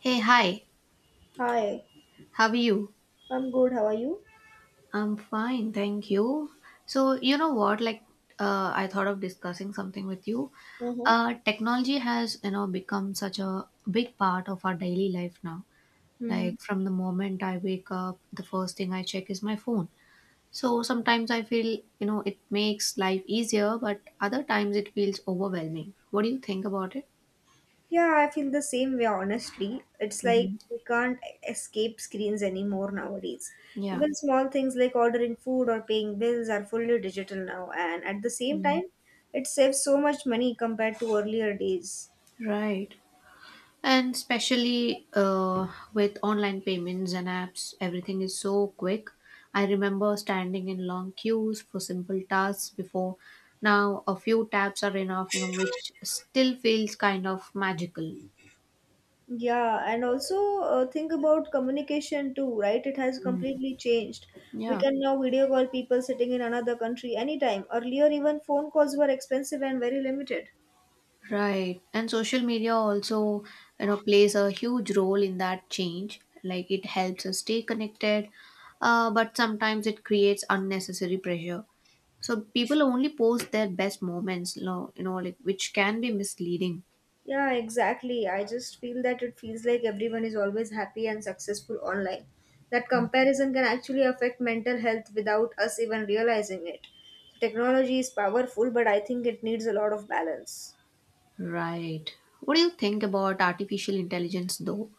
Hey, hi. Hi, How are you? I'm good. How are you? I'm fine, thank you. So, you know what? Like, I thought of discussing something with you. Mm-hmm. Technology has become such a big part of our daily life now. Mm-hmm. Like, from the moment I wake up, the first thing I check is my phone. So, sometimes I feel it makes life easier, but other times it feels overwhelming. What do you think about it? Yeah, I feel the same way, honestly. It's like Hmm. we can't escape screens anymore nowadays. Yeah. Even small things like ordering food or paying bills are fully digital now, and at the same Mm. time, it saves so much money compared to earlier days. Right. And especially with online payments and apps, everything is so quick. I remember standing in long queues for simple tasks before. Now, a few taps are enough which still feels kind of magical. Yeah, and also think about communication too, right? It has completely changed. We Yeah. can now video call people sitting in another country anytime. Earlier, even phone calls were expensive and very limited. Right. And social media also plays a huge role in that change. Like it helps us stay connected, but sometimes it creates unnecessary pressure. So people only post their best moments, like which can be misleading. Yeah, exactly. I just feel that it feels like everyone is always happy and successful online. That comparison can actually affect mental health without us even realizing it. So technology is powerful, but I think it needs a lot of balance. Right. What do you think about artificial intelligence though?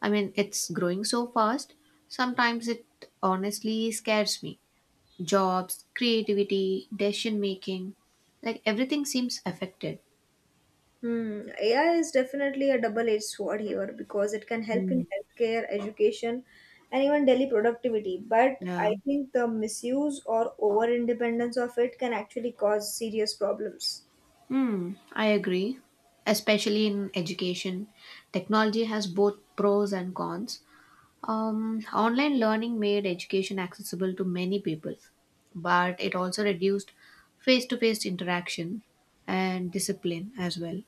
I mean, it's growing so fast. Sometimes it honestly scares me. Jobs, creativity, decision making, like everything seems affected. Hmm, AI is definitely a double-edged sword here because it can help in Mm, healthcare, education, and even daily productivity. But yeah. I think the misuse or over-independence of it can actually cause serious problems. I agree. Especially in education, technology has both pros and cons. Online learning made education accessible to many people, but it also reduced face to face interaction and discipline as well.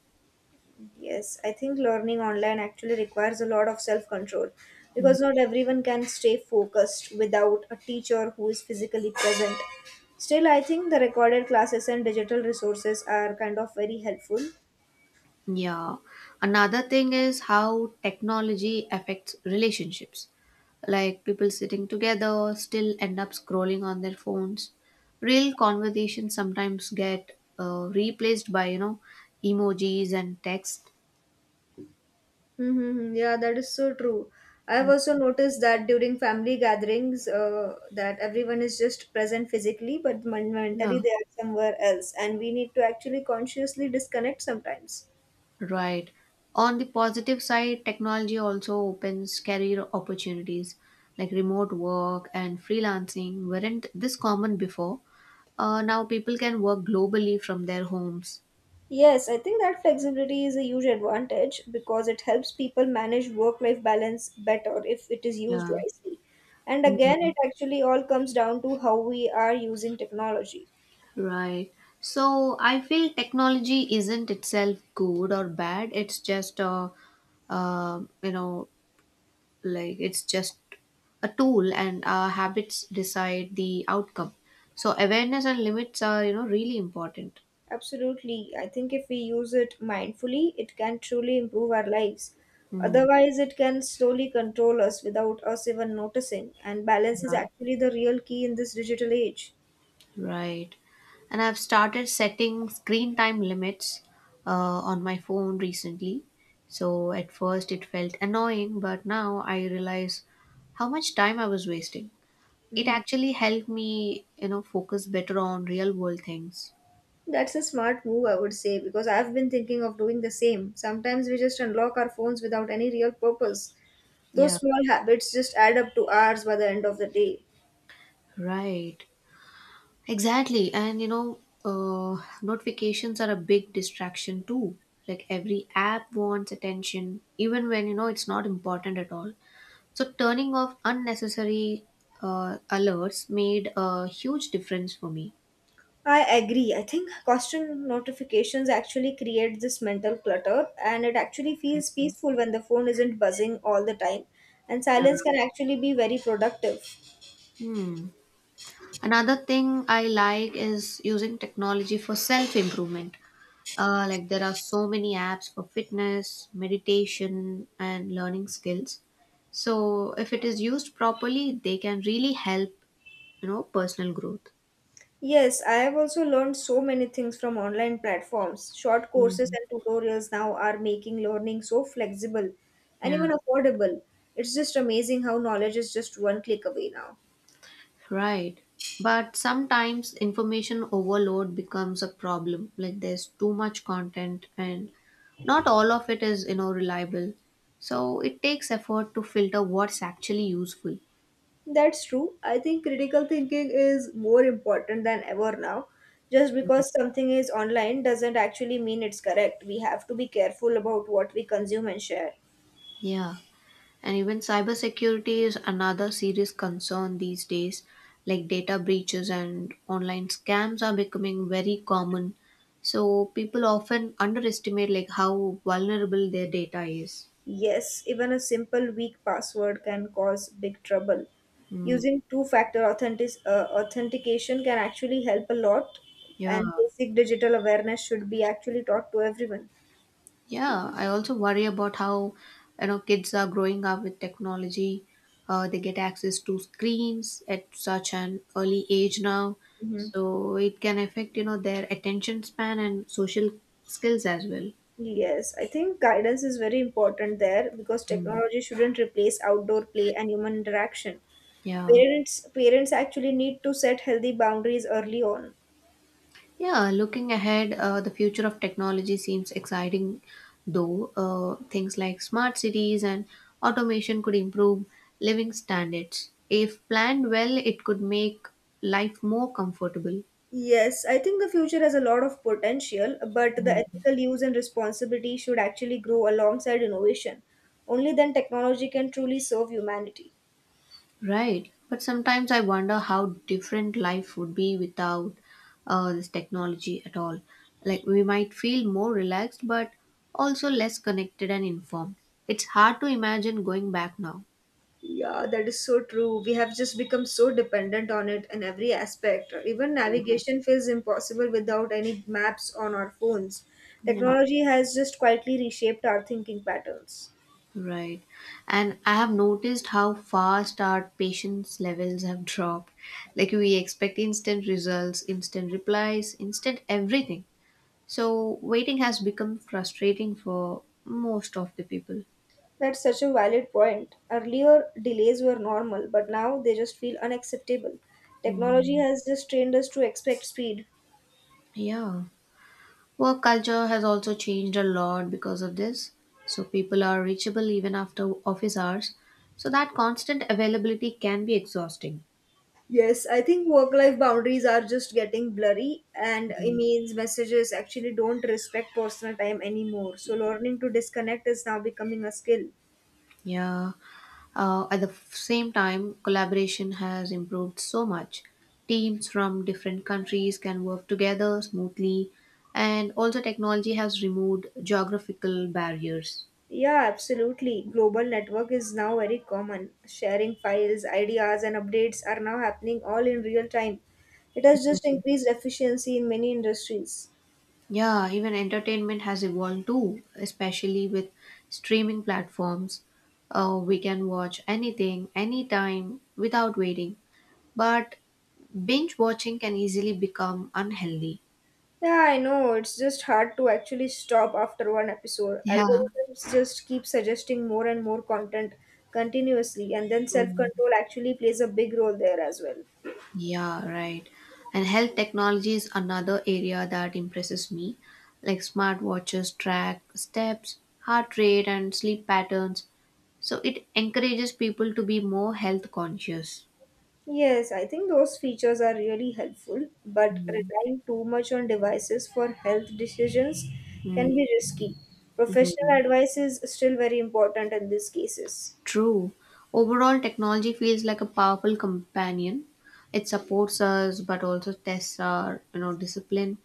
Yes, I think learning online actually requires a lot of self control because not everyone can stay focused without a teacher who is physically present. Still, I think the recorded classes and digital resources are kind of very helpful. Yeah. Another thing is how technology affects relationships. Like people sitting together still end up scrolling on their phones. Real conversations sometimes get replaced by emojis and text. Mm-hmm. Yeah, that is so true. I've also noticed that during family gatherings, that everyone is just present physically, but Yeah. mentally they are somewhere else, and we need to actually consciously disconnect sometimes. Right. On the positive side, technology also opens career opportunities like remote work and freelancing weren't this common before. Now people can work globally from their homes. Yes, I think that flexibility is a huge advantage because it helps people manage work life balance better if it is used Yeah. wisely. And again, Mhm. it actually all comes down to how we are using technology. Right. So I feel technology isn't itself good or bad. It's just a, you know, like it's just a tool, and our habits decide the outcome. So awareness and limits are really important. Absolutely. I think if we use it mindfully, it can truly improve our lives. Mm. Otherwise, it can slowly control us without us even noticing. And balance is Yeah. actually the real key in this digital age. Right. And I've started setting screen time limits uh, on my phone recently. So at first it felt annoying, but now I realize how much time I was wasting. It Mhm. actually helped me focus better on real world things. That's a smart move, I would say, because I've been thinking of doing the same. Sometimes we just unlock our phones without any real purpose. Yeah. Those small habits just add up to hours by the end of the day. Right. Exactly. And notifications are a big distraction too. Like every app wants attention, even when you know it's not important at all. So turning off unnecessary alerts made a huge difference for me. I agree. I think constant notifications actually create this mental clutter, and it actually feels peaceful when the phone isn't buzzing all the time. And Yeah. silence can actually be very productive. Hmm. Another thing I like is using technology for self improvement. Like there are so many apps for fitness, meditation, and learning skills. So if it is used properly, they can really help personal growth. Yes, I have also learned so many things from online platforms. Short courses Mhm. and tutorials now are making learning so flexible and Yeah. even affordable. It's just amazing how knowledge is just one click away now. Right. But sometimes information overload becomes a problem. Like there's too much content and not all of it is reliable. So it takes effort to filter what's actually useful. That's true. I think critical thinking is more important than ever now. Just because something is online doesn't actually mean it's correct. We have to be careful about what we consume and share. Yeah. And even cybersecurity is another serious concern these days. Like data breaches and online scams are becoming very common. So people often underestimate like how vulnerable their data is. Yes, even a simple weak password can cause big trouble. Mm. Using two-factor authentic authentication can actually help a lot, Yeah. and basic digital awareness should be actually taught to everyone. Yeah, I also worry about how kids are growing up with technology. They get access to screens at such an early age now, Hmm. so it can affect their attention span and social skills as well. Yes, I think guidance is very important there because Mm. technology shouldn't replace outdoor play and human interaction. Yeah. Parents actually need to set healthy boundaries early on. Yeah, looking ahead, the future of technology seems exciting, though. Things like smart cities and automation could improve living standards. If planned well, it could make life more comfortable. Yes, I think the future has a lot of potential, but the ethical use and responsibility should actually grow alongside innovation. Only then technology can truly serve humanity. Right. But sometimes I wonder how different life would be without this technology at all. Like, we might feel more relaxed, but also less connected and informed. It's hard to imagine going back now. Yeah, that is so true. We have just become so dependent on it in every aspect. Even Yeah. navigation feels impossible without any maps on our phones. Yeah. Technology has just quietly reshaped our thinking patterns. Right. And I have noticed how fast our patience levels have dropped. Like, we expect instant results, instant replies, instant everything. So, waiting has become frustrating for most of the people. That's such a valid point. Earlier, delays were normal, but now they just feel unacceptable. Hmm. Technology has just trained us to expect speed. Yeah. Work culture has also changed a lot because of this. So people are reachable even after office hours. So that constant availability can be exhausting. Yes, I think work life boundaries are just getting blurry, and emails, messages actually don't respect personal time anymore. So, learning to disconnect is now becoming a skill. Yeah. At the same time, collaboration has improved so much. Teams from different countries can work together smoothly, and also technology has removed geographical barriers. Yeah, absolutely. Global network is now very common. Sharing files, ideas, and updates are now happening all in real time. It has just increased efficiency in many industries. Yeah, even entertainment has evolved too, especially with streaming platforms. We can watch anything, anytime, without waiting. But binge watching can easily become unhealthy. Yeah, I know. It's just hard to actually stop after one episode. Yeah. Algorithms just keep suggesting more and more content continuously, and then self Mm. control actually plays a big role there as well. Yeah, right. And health technology is another area that impresses me. Like smartwatches track steps, heart rate, and sleep patterns. So it encourages people to be more health conscious. Yes, I think those features are really helpful, but Mm. relying too much on devices for health decisions can Mm. be risky. Professional Mhm. advice is still very important in these cases. True. Overall, technology feels like a powerful companion. It supports us, but also tests our discipline.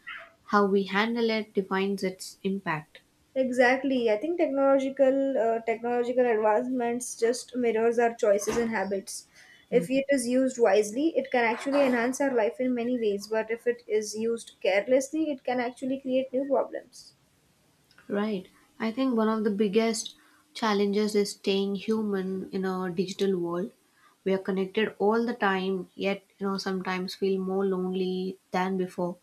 How we handle it defines its impact. Exactly. I think technological advancements just mirrors our choices and habits. If it is used wisely, it can actually enhance our life in many ways, but if it is used carelessly, it can actually create new problems. Right. I think one of the biggest challenges is staying human in a digital world. We are connected all the time, yet sometimes feel more lonely than before.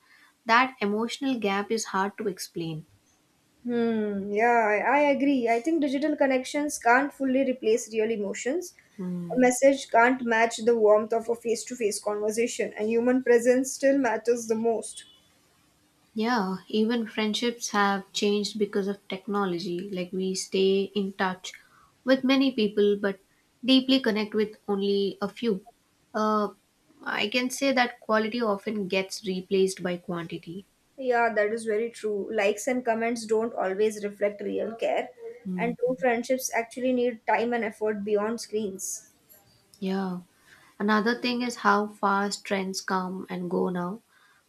That emotional gap is hard to explain. Hmm, yeah, I agree. I think digital connections can't fully replace real emotions. A message can't match the warmth of a face-to-face conversation, and human presence still matters the most. Yeah, even friendships have changed because of technology. Like we stay in touch with many people, but deeply connect with only a few. Uh, I can say that quality often gets replaced by quantity. Yeah, that is very true. Likes and comments don't always reflect real care, Mm, and true friendships actually need time and effort beyond screens. yeah. Another thing is how fast trends come and go now.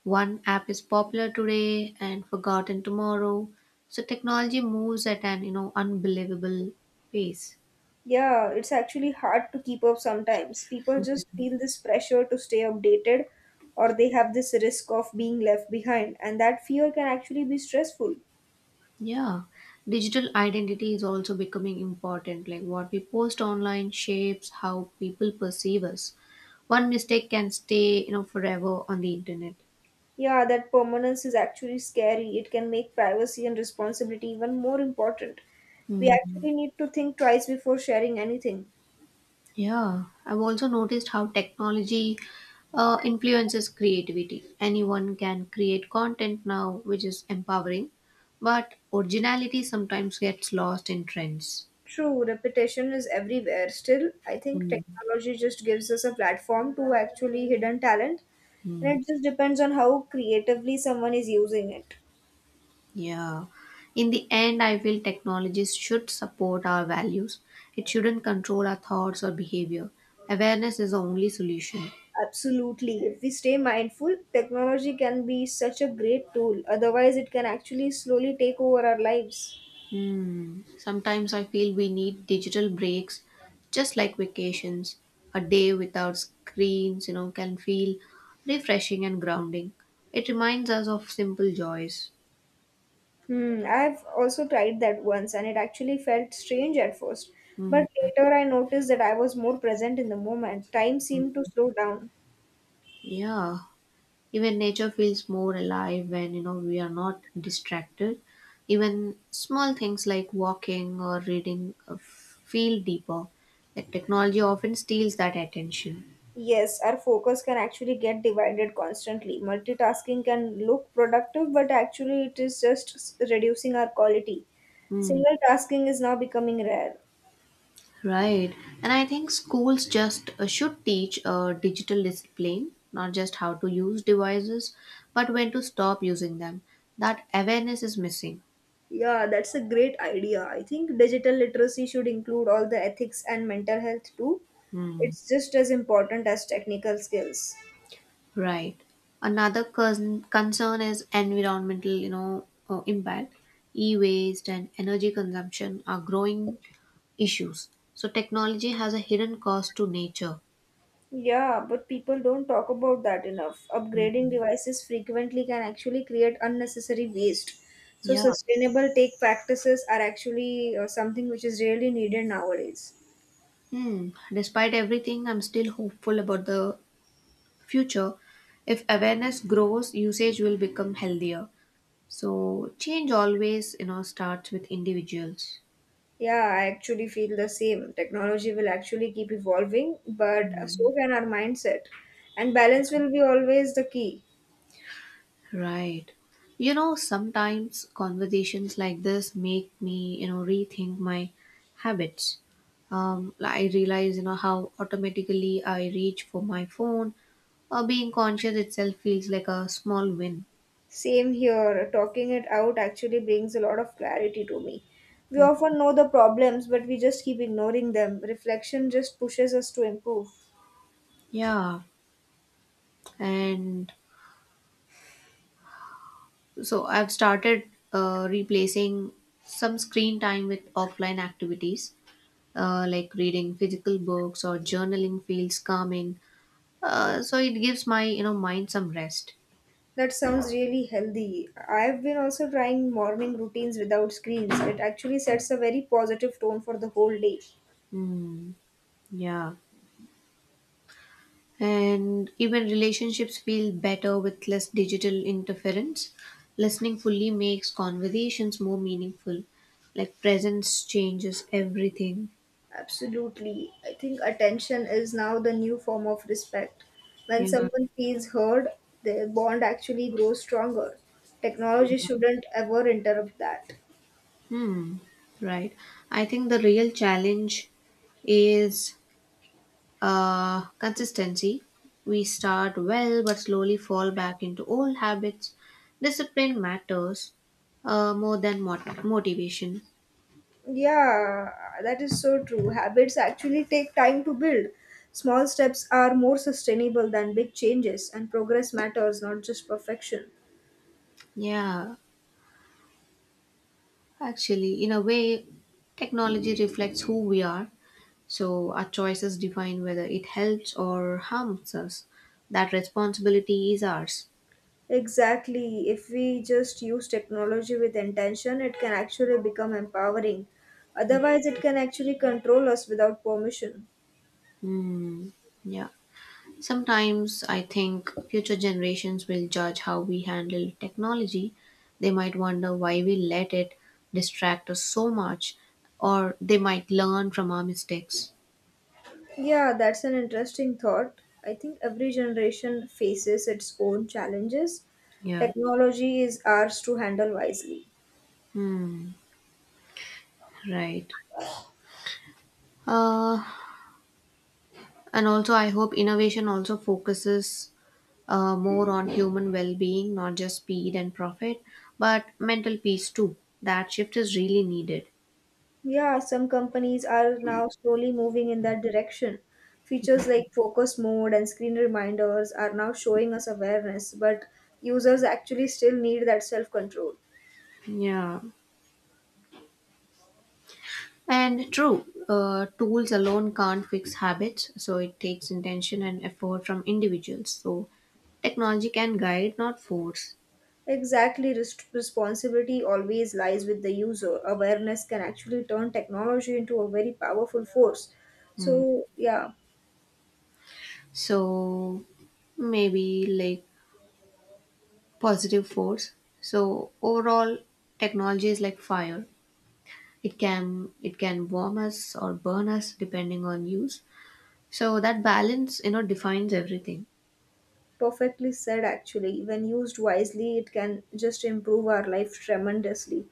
One app is popular today and forgotten tomorrow. So technology moves at an unbelievable pace. Yeah, it's actually hard to keep up sometimes. People just feel this pressure to stay updated, or they have this risk of being left behind, and that fear can actually be stressful. Yeah, digital identity is also becoming important. Like what we post online shapes how people perceive us. One mistake can stay forever on the internet. Yeah, that permanence is actually scary. It can make privacy and responsibility even more important. We Hmm. actually need to think twice before sharing anything. Yeah, I've also noticed how technology influences creativity. Anyone can create content now, which is empowering, but originality sometimes gets lost in trends. True, repetition is everywhere. Still, I think Mm-hmm. technology just gives us a platform to actually hidden talent, and it just depends on how creatively someone is using it. Yeah. In the end, I feel technologies should support our values. It shouldn't control our thoughts or behavior. Awareness is the only solution. Absolutely. If we stay mindful, technology can be such a great tool. Otherwise, it can actually slowly take over our lives. Hmm. Sometimes I feel we need digital breaks, just like vacations. A day without screens can feel refreshing and grounding. It reminds us of simple joys. Hmm, I've also tried that once and it actually felt strange at first. But later I noticed that I was more present in the moment. Time seemed to slow down. Yeah. Even nature feels more alive when we are not distracted. Even small things like walking or reading feel deeper. Like technology often steals that attention. Yes, our focus can actually get divided constantly. Multitasking can look productive, but actually, it is just reducing our quality. Mm, Single tasking is now becoming rare. right. And I think schools just should teach digital discipline, not just how to use devices, but when to stop using them. That awareness is missing. Yeah, that's a great idea. I think digital literacy should include all the ethics and mental health too. Hmm. It's just as important as technical skills. Right. Another concern is environmental impact. E-waste and energy consumption are growing issues. So technology has a hidden cost to nature. Yeah, but people don't talk about that enough. Upgrading devices frequently can actually create unnecessary waste. So, Yeah. sustainable take practices are actually something which is really needed nowadays. Hmm. Despite everything, I'm still hopeful about the future. If awareness grows, usage will become healthier. So change always starts with individuals. Yeah, I actually feel the same. Technology will actually keep evolving, but so can our mindset. And balance will be always the key. Right. Sometimes conversations like this make me rethink my habits. I realize how automatically I reach for my phone. Being conscious itself feels like a small win. Same here, talking it out actually brings a lot of clarity to me. We often know the problems, but we just keep ignoring them. Reflection just pushes us to improve. Yeah. And so I've started replacing some screen time with offline activities, like reading physical books or journaling feels calming. So it gives my mind some rest. That sounds really healthy. I've been also trying morning routines without screens. It actually sets a very positive tone for the whole day. Hmm. Yeah. And even relationships feel better with less digital interference. Listening fully makes conversations more meaningful. Like presence changes everything. Absolutely. I think attention is now the new form of respect. When Yeah. someone feels heard, their bond actually grows stronger. Technology shouldn't ever interrupt that. Hmm. Right. I think the real challenge is consistency. We start well but slowly fall back into old habits. Discipline matters more than motivation. Yeah, that is so true. Habits actually take time to build. Small steps are more sustainable than big changes, and progress matters, not just perfection. Yeah. Actually, in a way, technology reflects who we are, so our choices define whether it helps or harms us. That responsibility is ours. Exactly. If we just use technology with intention, it can actually become empowering. Otherwise, it can actually control us without permission. Hmm. Yeah. Sometimes I think future generations will judge how we handle technology. They might wonder why we let it distract us so much, or they might learn from our mistakes. Yeah, that's an interesting thought. I think every generation faces its own challenges. Yeah, Technology is ours to handle wisely. right. Uh, and also, I hope innovation also focuses more on human well being, not just speed and profit, but mental peace too. That shift is really needed. Yeah, some companies are now slowly moving in that direction. Features like focus mode and screen reminders are now showing us awareness, but users actually still need that self control. Yeah. And true, tools alone can't fix habits, so it takes intention and effort from individuals. So, technology can guide, not force. Exactly, responsibility always lies with the user. Awareness can actually turn technology into a very powerful force. So, yeah. So, maybe like positive force. So, overall, technology is like fire. It can warm us or burn us depending on use. So that balance defines everything. Perfectly said, actually. When used wisely, it can just improve our life tremendously.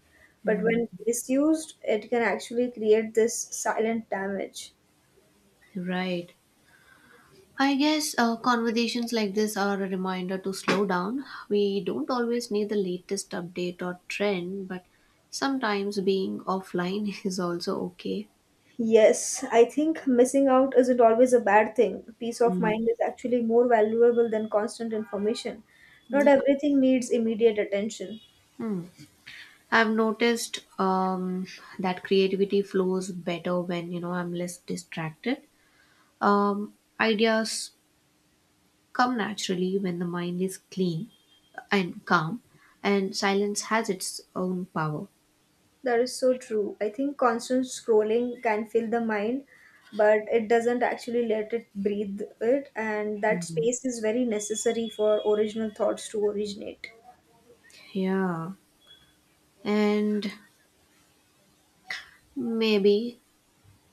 But when misused, it can actually create this silent damage. Right. I guess conversations like this are a reminder to slow down. We don't always need the latest update or trend, but sometimes being offline is also okay. Yes, I think missing out isn't always a bad thing. Peace of mind is actually more valuable than constant information. Not Yeah. everything needs immediate attention. Hmm. I've noticed that creativity flows better when I'm less distracted. Um, ideas come naturally when the mind is clean and calm, and silence has its own power. That is so true. I think constant scrolling can fill the mind, but it doesn't actually let it breathe it, and that Mhm. space is very necessary for original thoughts to originate. Yeah, and maybe,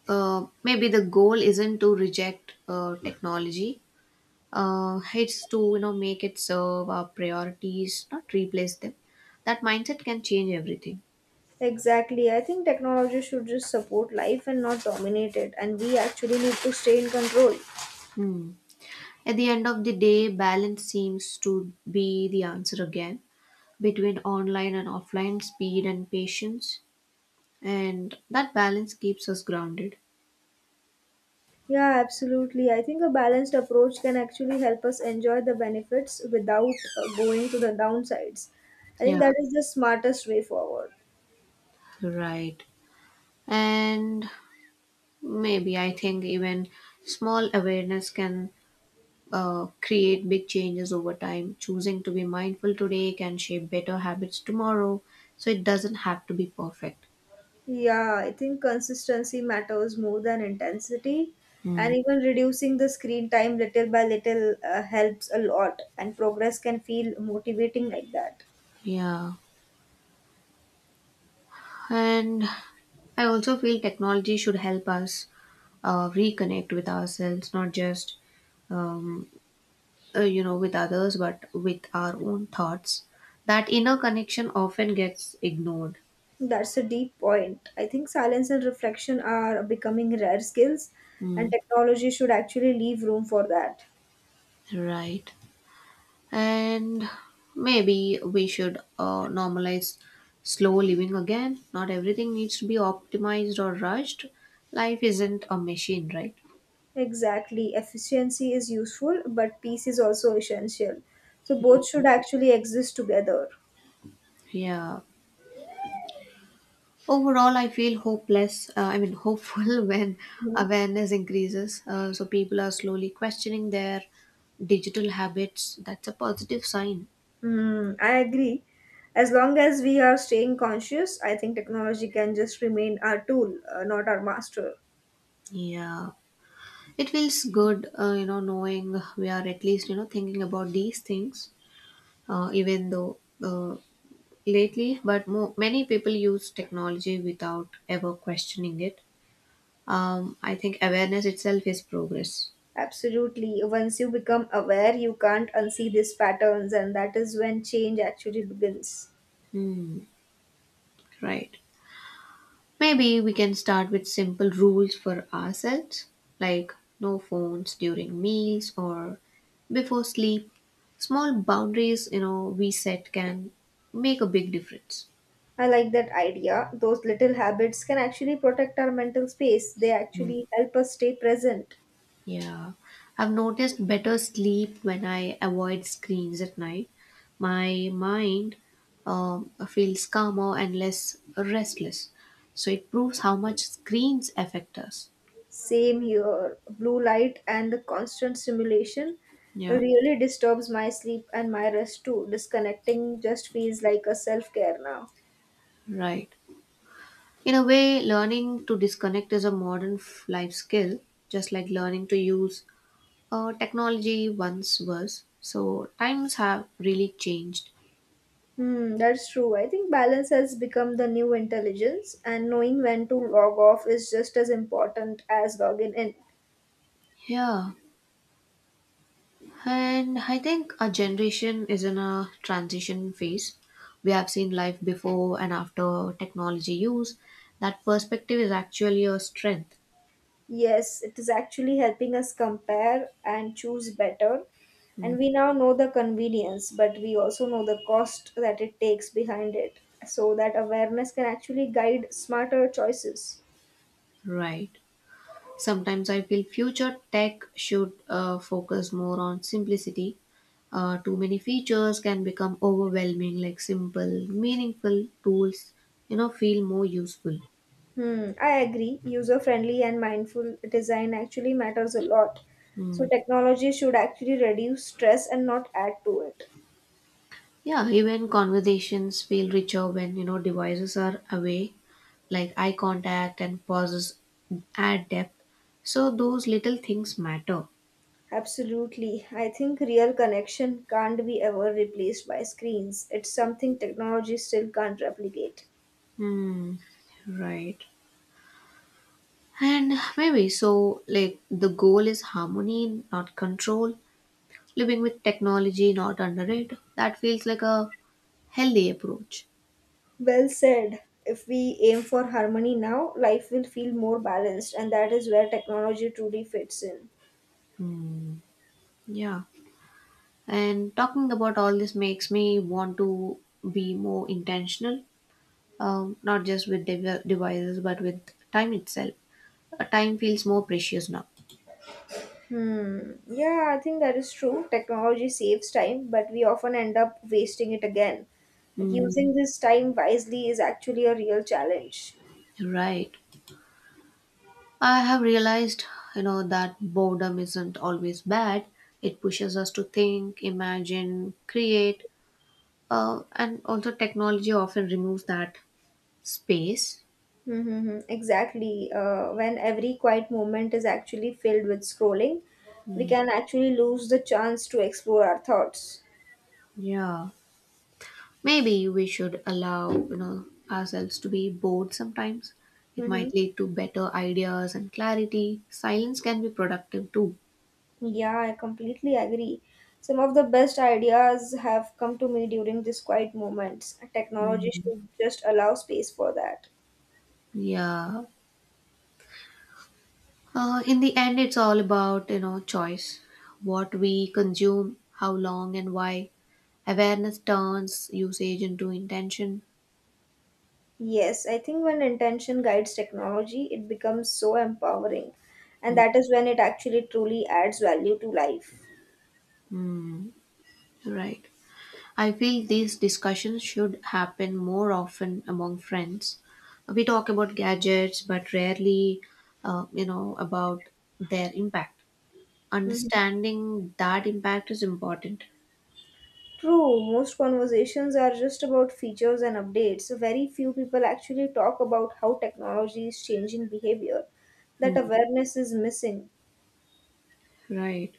maybe the goal isn't to reject technology. It's to make it serve our priorities, not replace them. That mindset can change everything. Exactly. I think technology should just support life and not dominate it, and we actually need to stay in control. Hmm. At the end of the day, balance seems to be the answer again between online and offline speed and patience, and that balance keeps us grounded. Yeah, absolutely. I think a balanced approach can actually help us enjoy the benefits without going to the downsides. I think Yeah, that is the smartest way forward. right. And maybe I think even small awareness can create big changes over time. Choosing to be mindful today can shape better habits tomorrow, so it doesn't have to be perfect. Yeah, I think consistency matters more than intensity, Hmm. and even reducing the screen time little by little helps a lot, and progress can feel motivating like that. Yeah. And I also feel technology should help us reconnect with ourselves, not just, um, with others, but with our own thoughts. That inner connection often gets ignored. That's a deep point. I think silence and reflection are becoming rare skills, and Mm. technology should actually leave room for that. Right. And maybe we should normalize slow living again. Not everything needs to be optimized or rushed. Life isn't a machine, right? Exactly. Efficiency is useful, but peace is also essential. So both should actually exist together. Yeah. Overall, I feel hopeful when Mm-hmm. awareness increases. So people are slowly questioning their digital habits. That's a positive sign. Hmm, I agree. As long as we are staying conscious, I think technology can just remain our tool, not our master. Yeah. It feels good, knowing we are at least, thinking about these things, even though uh, lately, but many people use technology without ever questioning it. I think awareness itself is progress. Absolutely. Once you become aware, you can't unsee these patterns, and that is when change actually begins. Hmm, right. Maybe we can start with simple rules for ourselves, like no phones during meals or before sleep. Small boundaries we set can make a big difference. I like that idea. Those little habits can actually protect our mental space, they actually help us stay present. Yeah, I've noticed better sleep when I avoid screens at night. My mind feels calmer and less restless. So it proves how much screens affect us. Same here. Blue light and the constant stimulation Yeah, really disturbs my sleep and my rest too. Disconnecting just feels like a self care now. right. In a way, learning to disconnect is a modern life skill, just like learning to use technology once was. So times have really changed. Hmm, that's true. I think balance has become the new intelligence, and knowing when to log off is just as important as logging in. Yeah. And I think our generation is in a transition phase. We have seen life before and after technology use. That perspective is actually a strength. Yes, it is actually helping us compare and choose better, Mm, and we now know the convenience, but we also know the cost that it takes behind it, so that awareness can actually guide smarter choices. right. Sometimes I feel future tech should focus more on simplicity. Too many features can become overwhelming, like simple, meaningful tools, feel more useful. Hmm, I agree. User friendly and mindful design actually matters a lot, so Hmm. technology should actually reduce stress and not add to it. Yeah, even conversations feel richer when you know devices are away, like eye contact and pauses add depth. So those little things matter. Absolutely, I think real connection can't be ever replaced by screens. It's something technology still can't replicate. Hmm, right. And maybe the goal is harmony, not control. Living with technology, not under it. That feels like a healthy approach. Well said. If we aim for harmony now, life will feel more balanced, and that is where technology truly fits in. Hmm, yeah. And talking about all this makes me want to be more intentional not just with devices but with time itself. Time feels more precious now. Hmm. Yeah, I think that is true. Technology saves time, but we often end up wasting it again. Like Mm, using this time wisely is actually a real challenge. right. I have realized that boredom isn't always bad. It pushes us to think, imagine, create, and also technology often removes that space. Mm-hmm. Exactly. When every quiet moment is actually filled with scrolling, we Mm, can actually lose the chance to explore our thoughts. yeah. Maybe we should allow ourselves to be bored sometimes. It Mm-hmm. might lead to better ideas and clarity. Silence can be productive too. Yeah, I completely agree. Some of the best ideas have come to me during these quiet moments. Technology Mm, should just allow space for that. yeah. In the end, it's all about, you know, choice. What we consume, how long and why. Awareness turns usage into intention. Yes, I think when intention guides technology, it becomes so empowering. And that is when it actually truly adds value to life. Right. I feel these discussions should happen more often among friends. We talk about gadgets, but rarely, about their impact. Mhm. Understanding that impact is important. True, most conversations are just about features and updates. Very few people actually talk about how technology is changing behavior. That Mm, awareness is missing. right.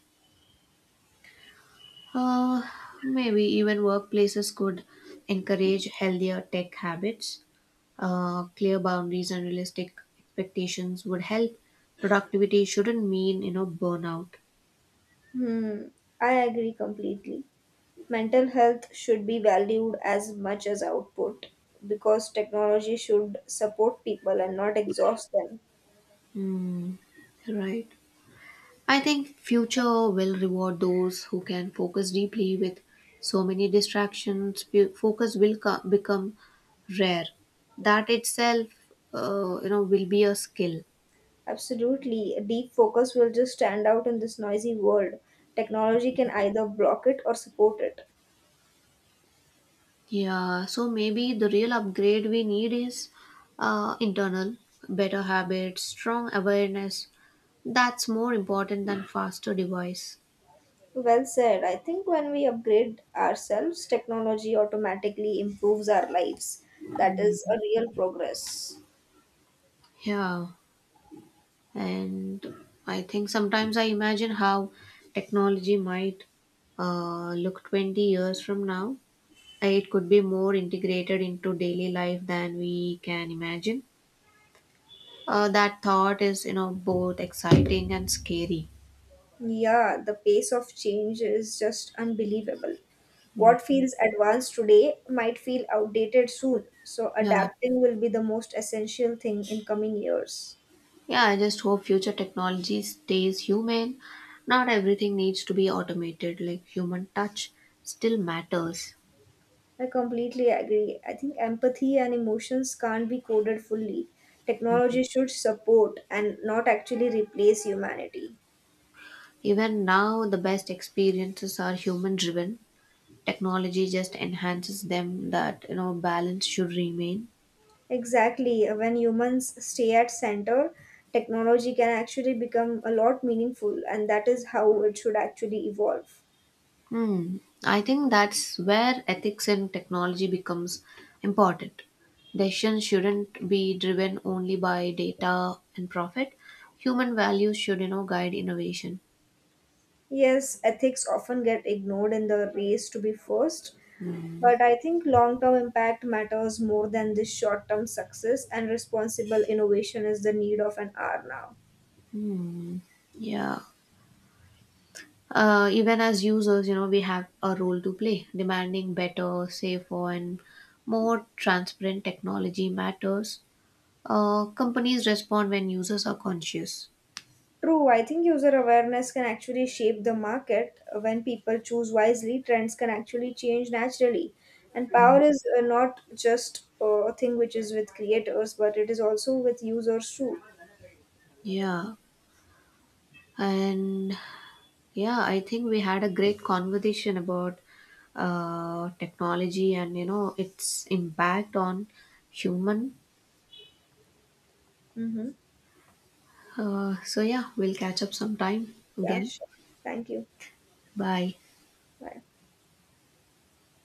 Uh, maybe even workplaces could encourage healthier tech habits. Clear boundaries and realistic expectations would help. Productivity shouldn't mean burnout. Hmm, I agree completely. Mental health should be valued as much as output because technology should support people and not exhaust them. Hmm. Right. I think future will reward those who can focus deeply with so many distractions. Focus will become rare. That itself, will be a skill. Absolutely, a deep focus will just stand out in this noisy world. Technology can either block it or support it. Yeah, so maybe the real upgrade we need is internal, better habits, strong awareness. That's more important than faster device. Well said. I think when we upgrade ourselves, technology automatically improves our lives. That is a real progress. Yeah, and I think sometimes I imagine how technology might look 20 years from now. It could be more integrated into daily life than we can imagine. That thought is both exciting and scary. Yeah, the pace of change is just unbelievable. What Mm. feels advanced today might feel outdated soon, so Yeah. adapting will be the most essential thing in coming years. Yeah, I just hope future technology stays human. Not everything needs to be automated, like human touch still matters. I completely agree. I think empathy and emotions can't be coded fully. Technology should support and not actually replace humanity. Even now, the best experiences are human driven. Technology just enhances them, balance should remain. Exactly. When humans stay at center, technology can actually become a lot meaningful, and that is how it should actually evolve. Hmm. I think that's where ethics in technology becomes important. Decisions shouldn't be driven only by data and profit. Human values should guide innovation. Yes, ethics often get ignored in the race to be first, but I think long term impact matters more than this short term success, and responsible innovation is the need of an hour now. Yeah. Even as users, we have a role to play. Demanding better, safer, and more transparent technology matters. Companies respond when users are conscious. True, I think user awareness can actually shape the market. When people choose wisely, trends can actually change naturally. And power is not just a thing which is with creators, but it is also with users too. Yeah. And yeah, I think we had a great conversation about technology and its impact on human. Mm-hmm. So yeah, we'll catch up sometime Yeah, again. sure. Thank you. Bye. Bye.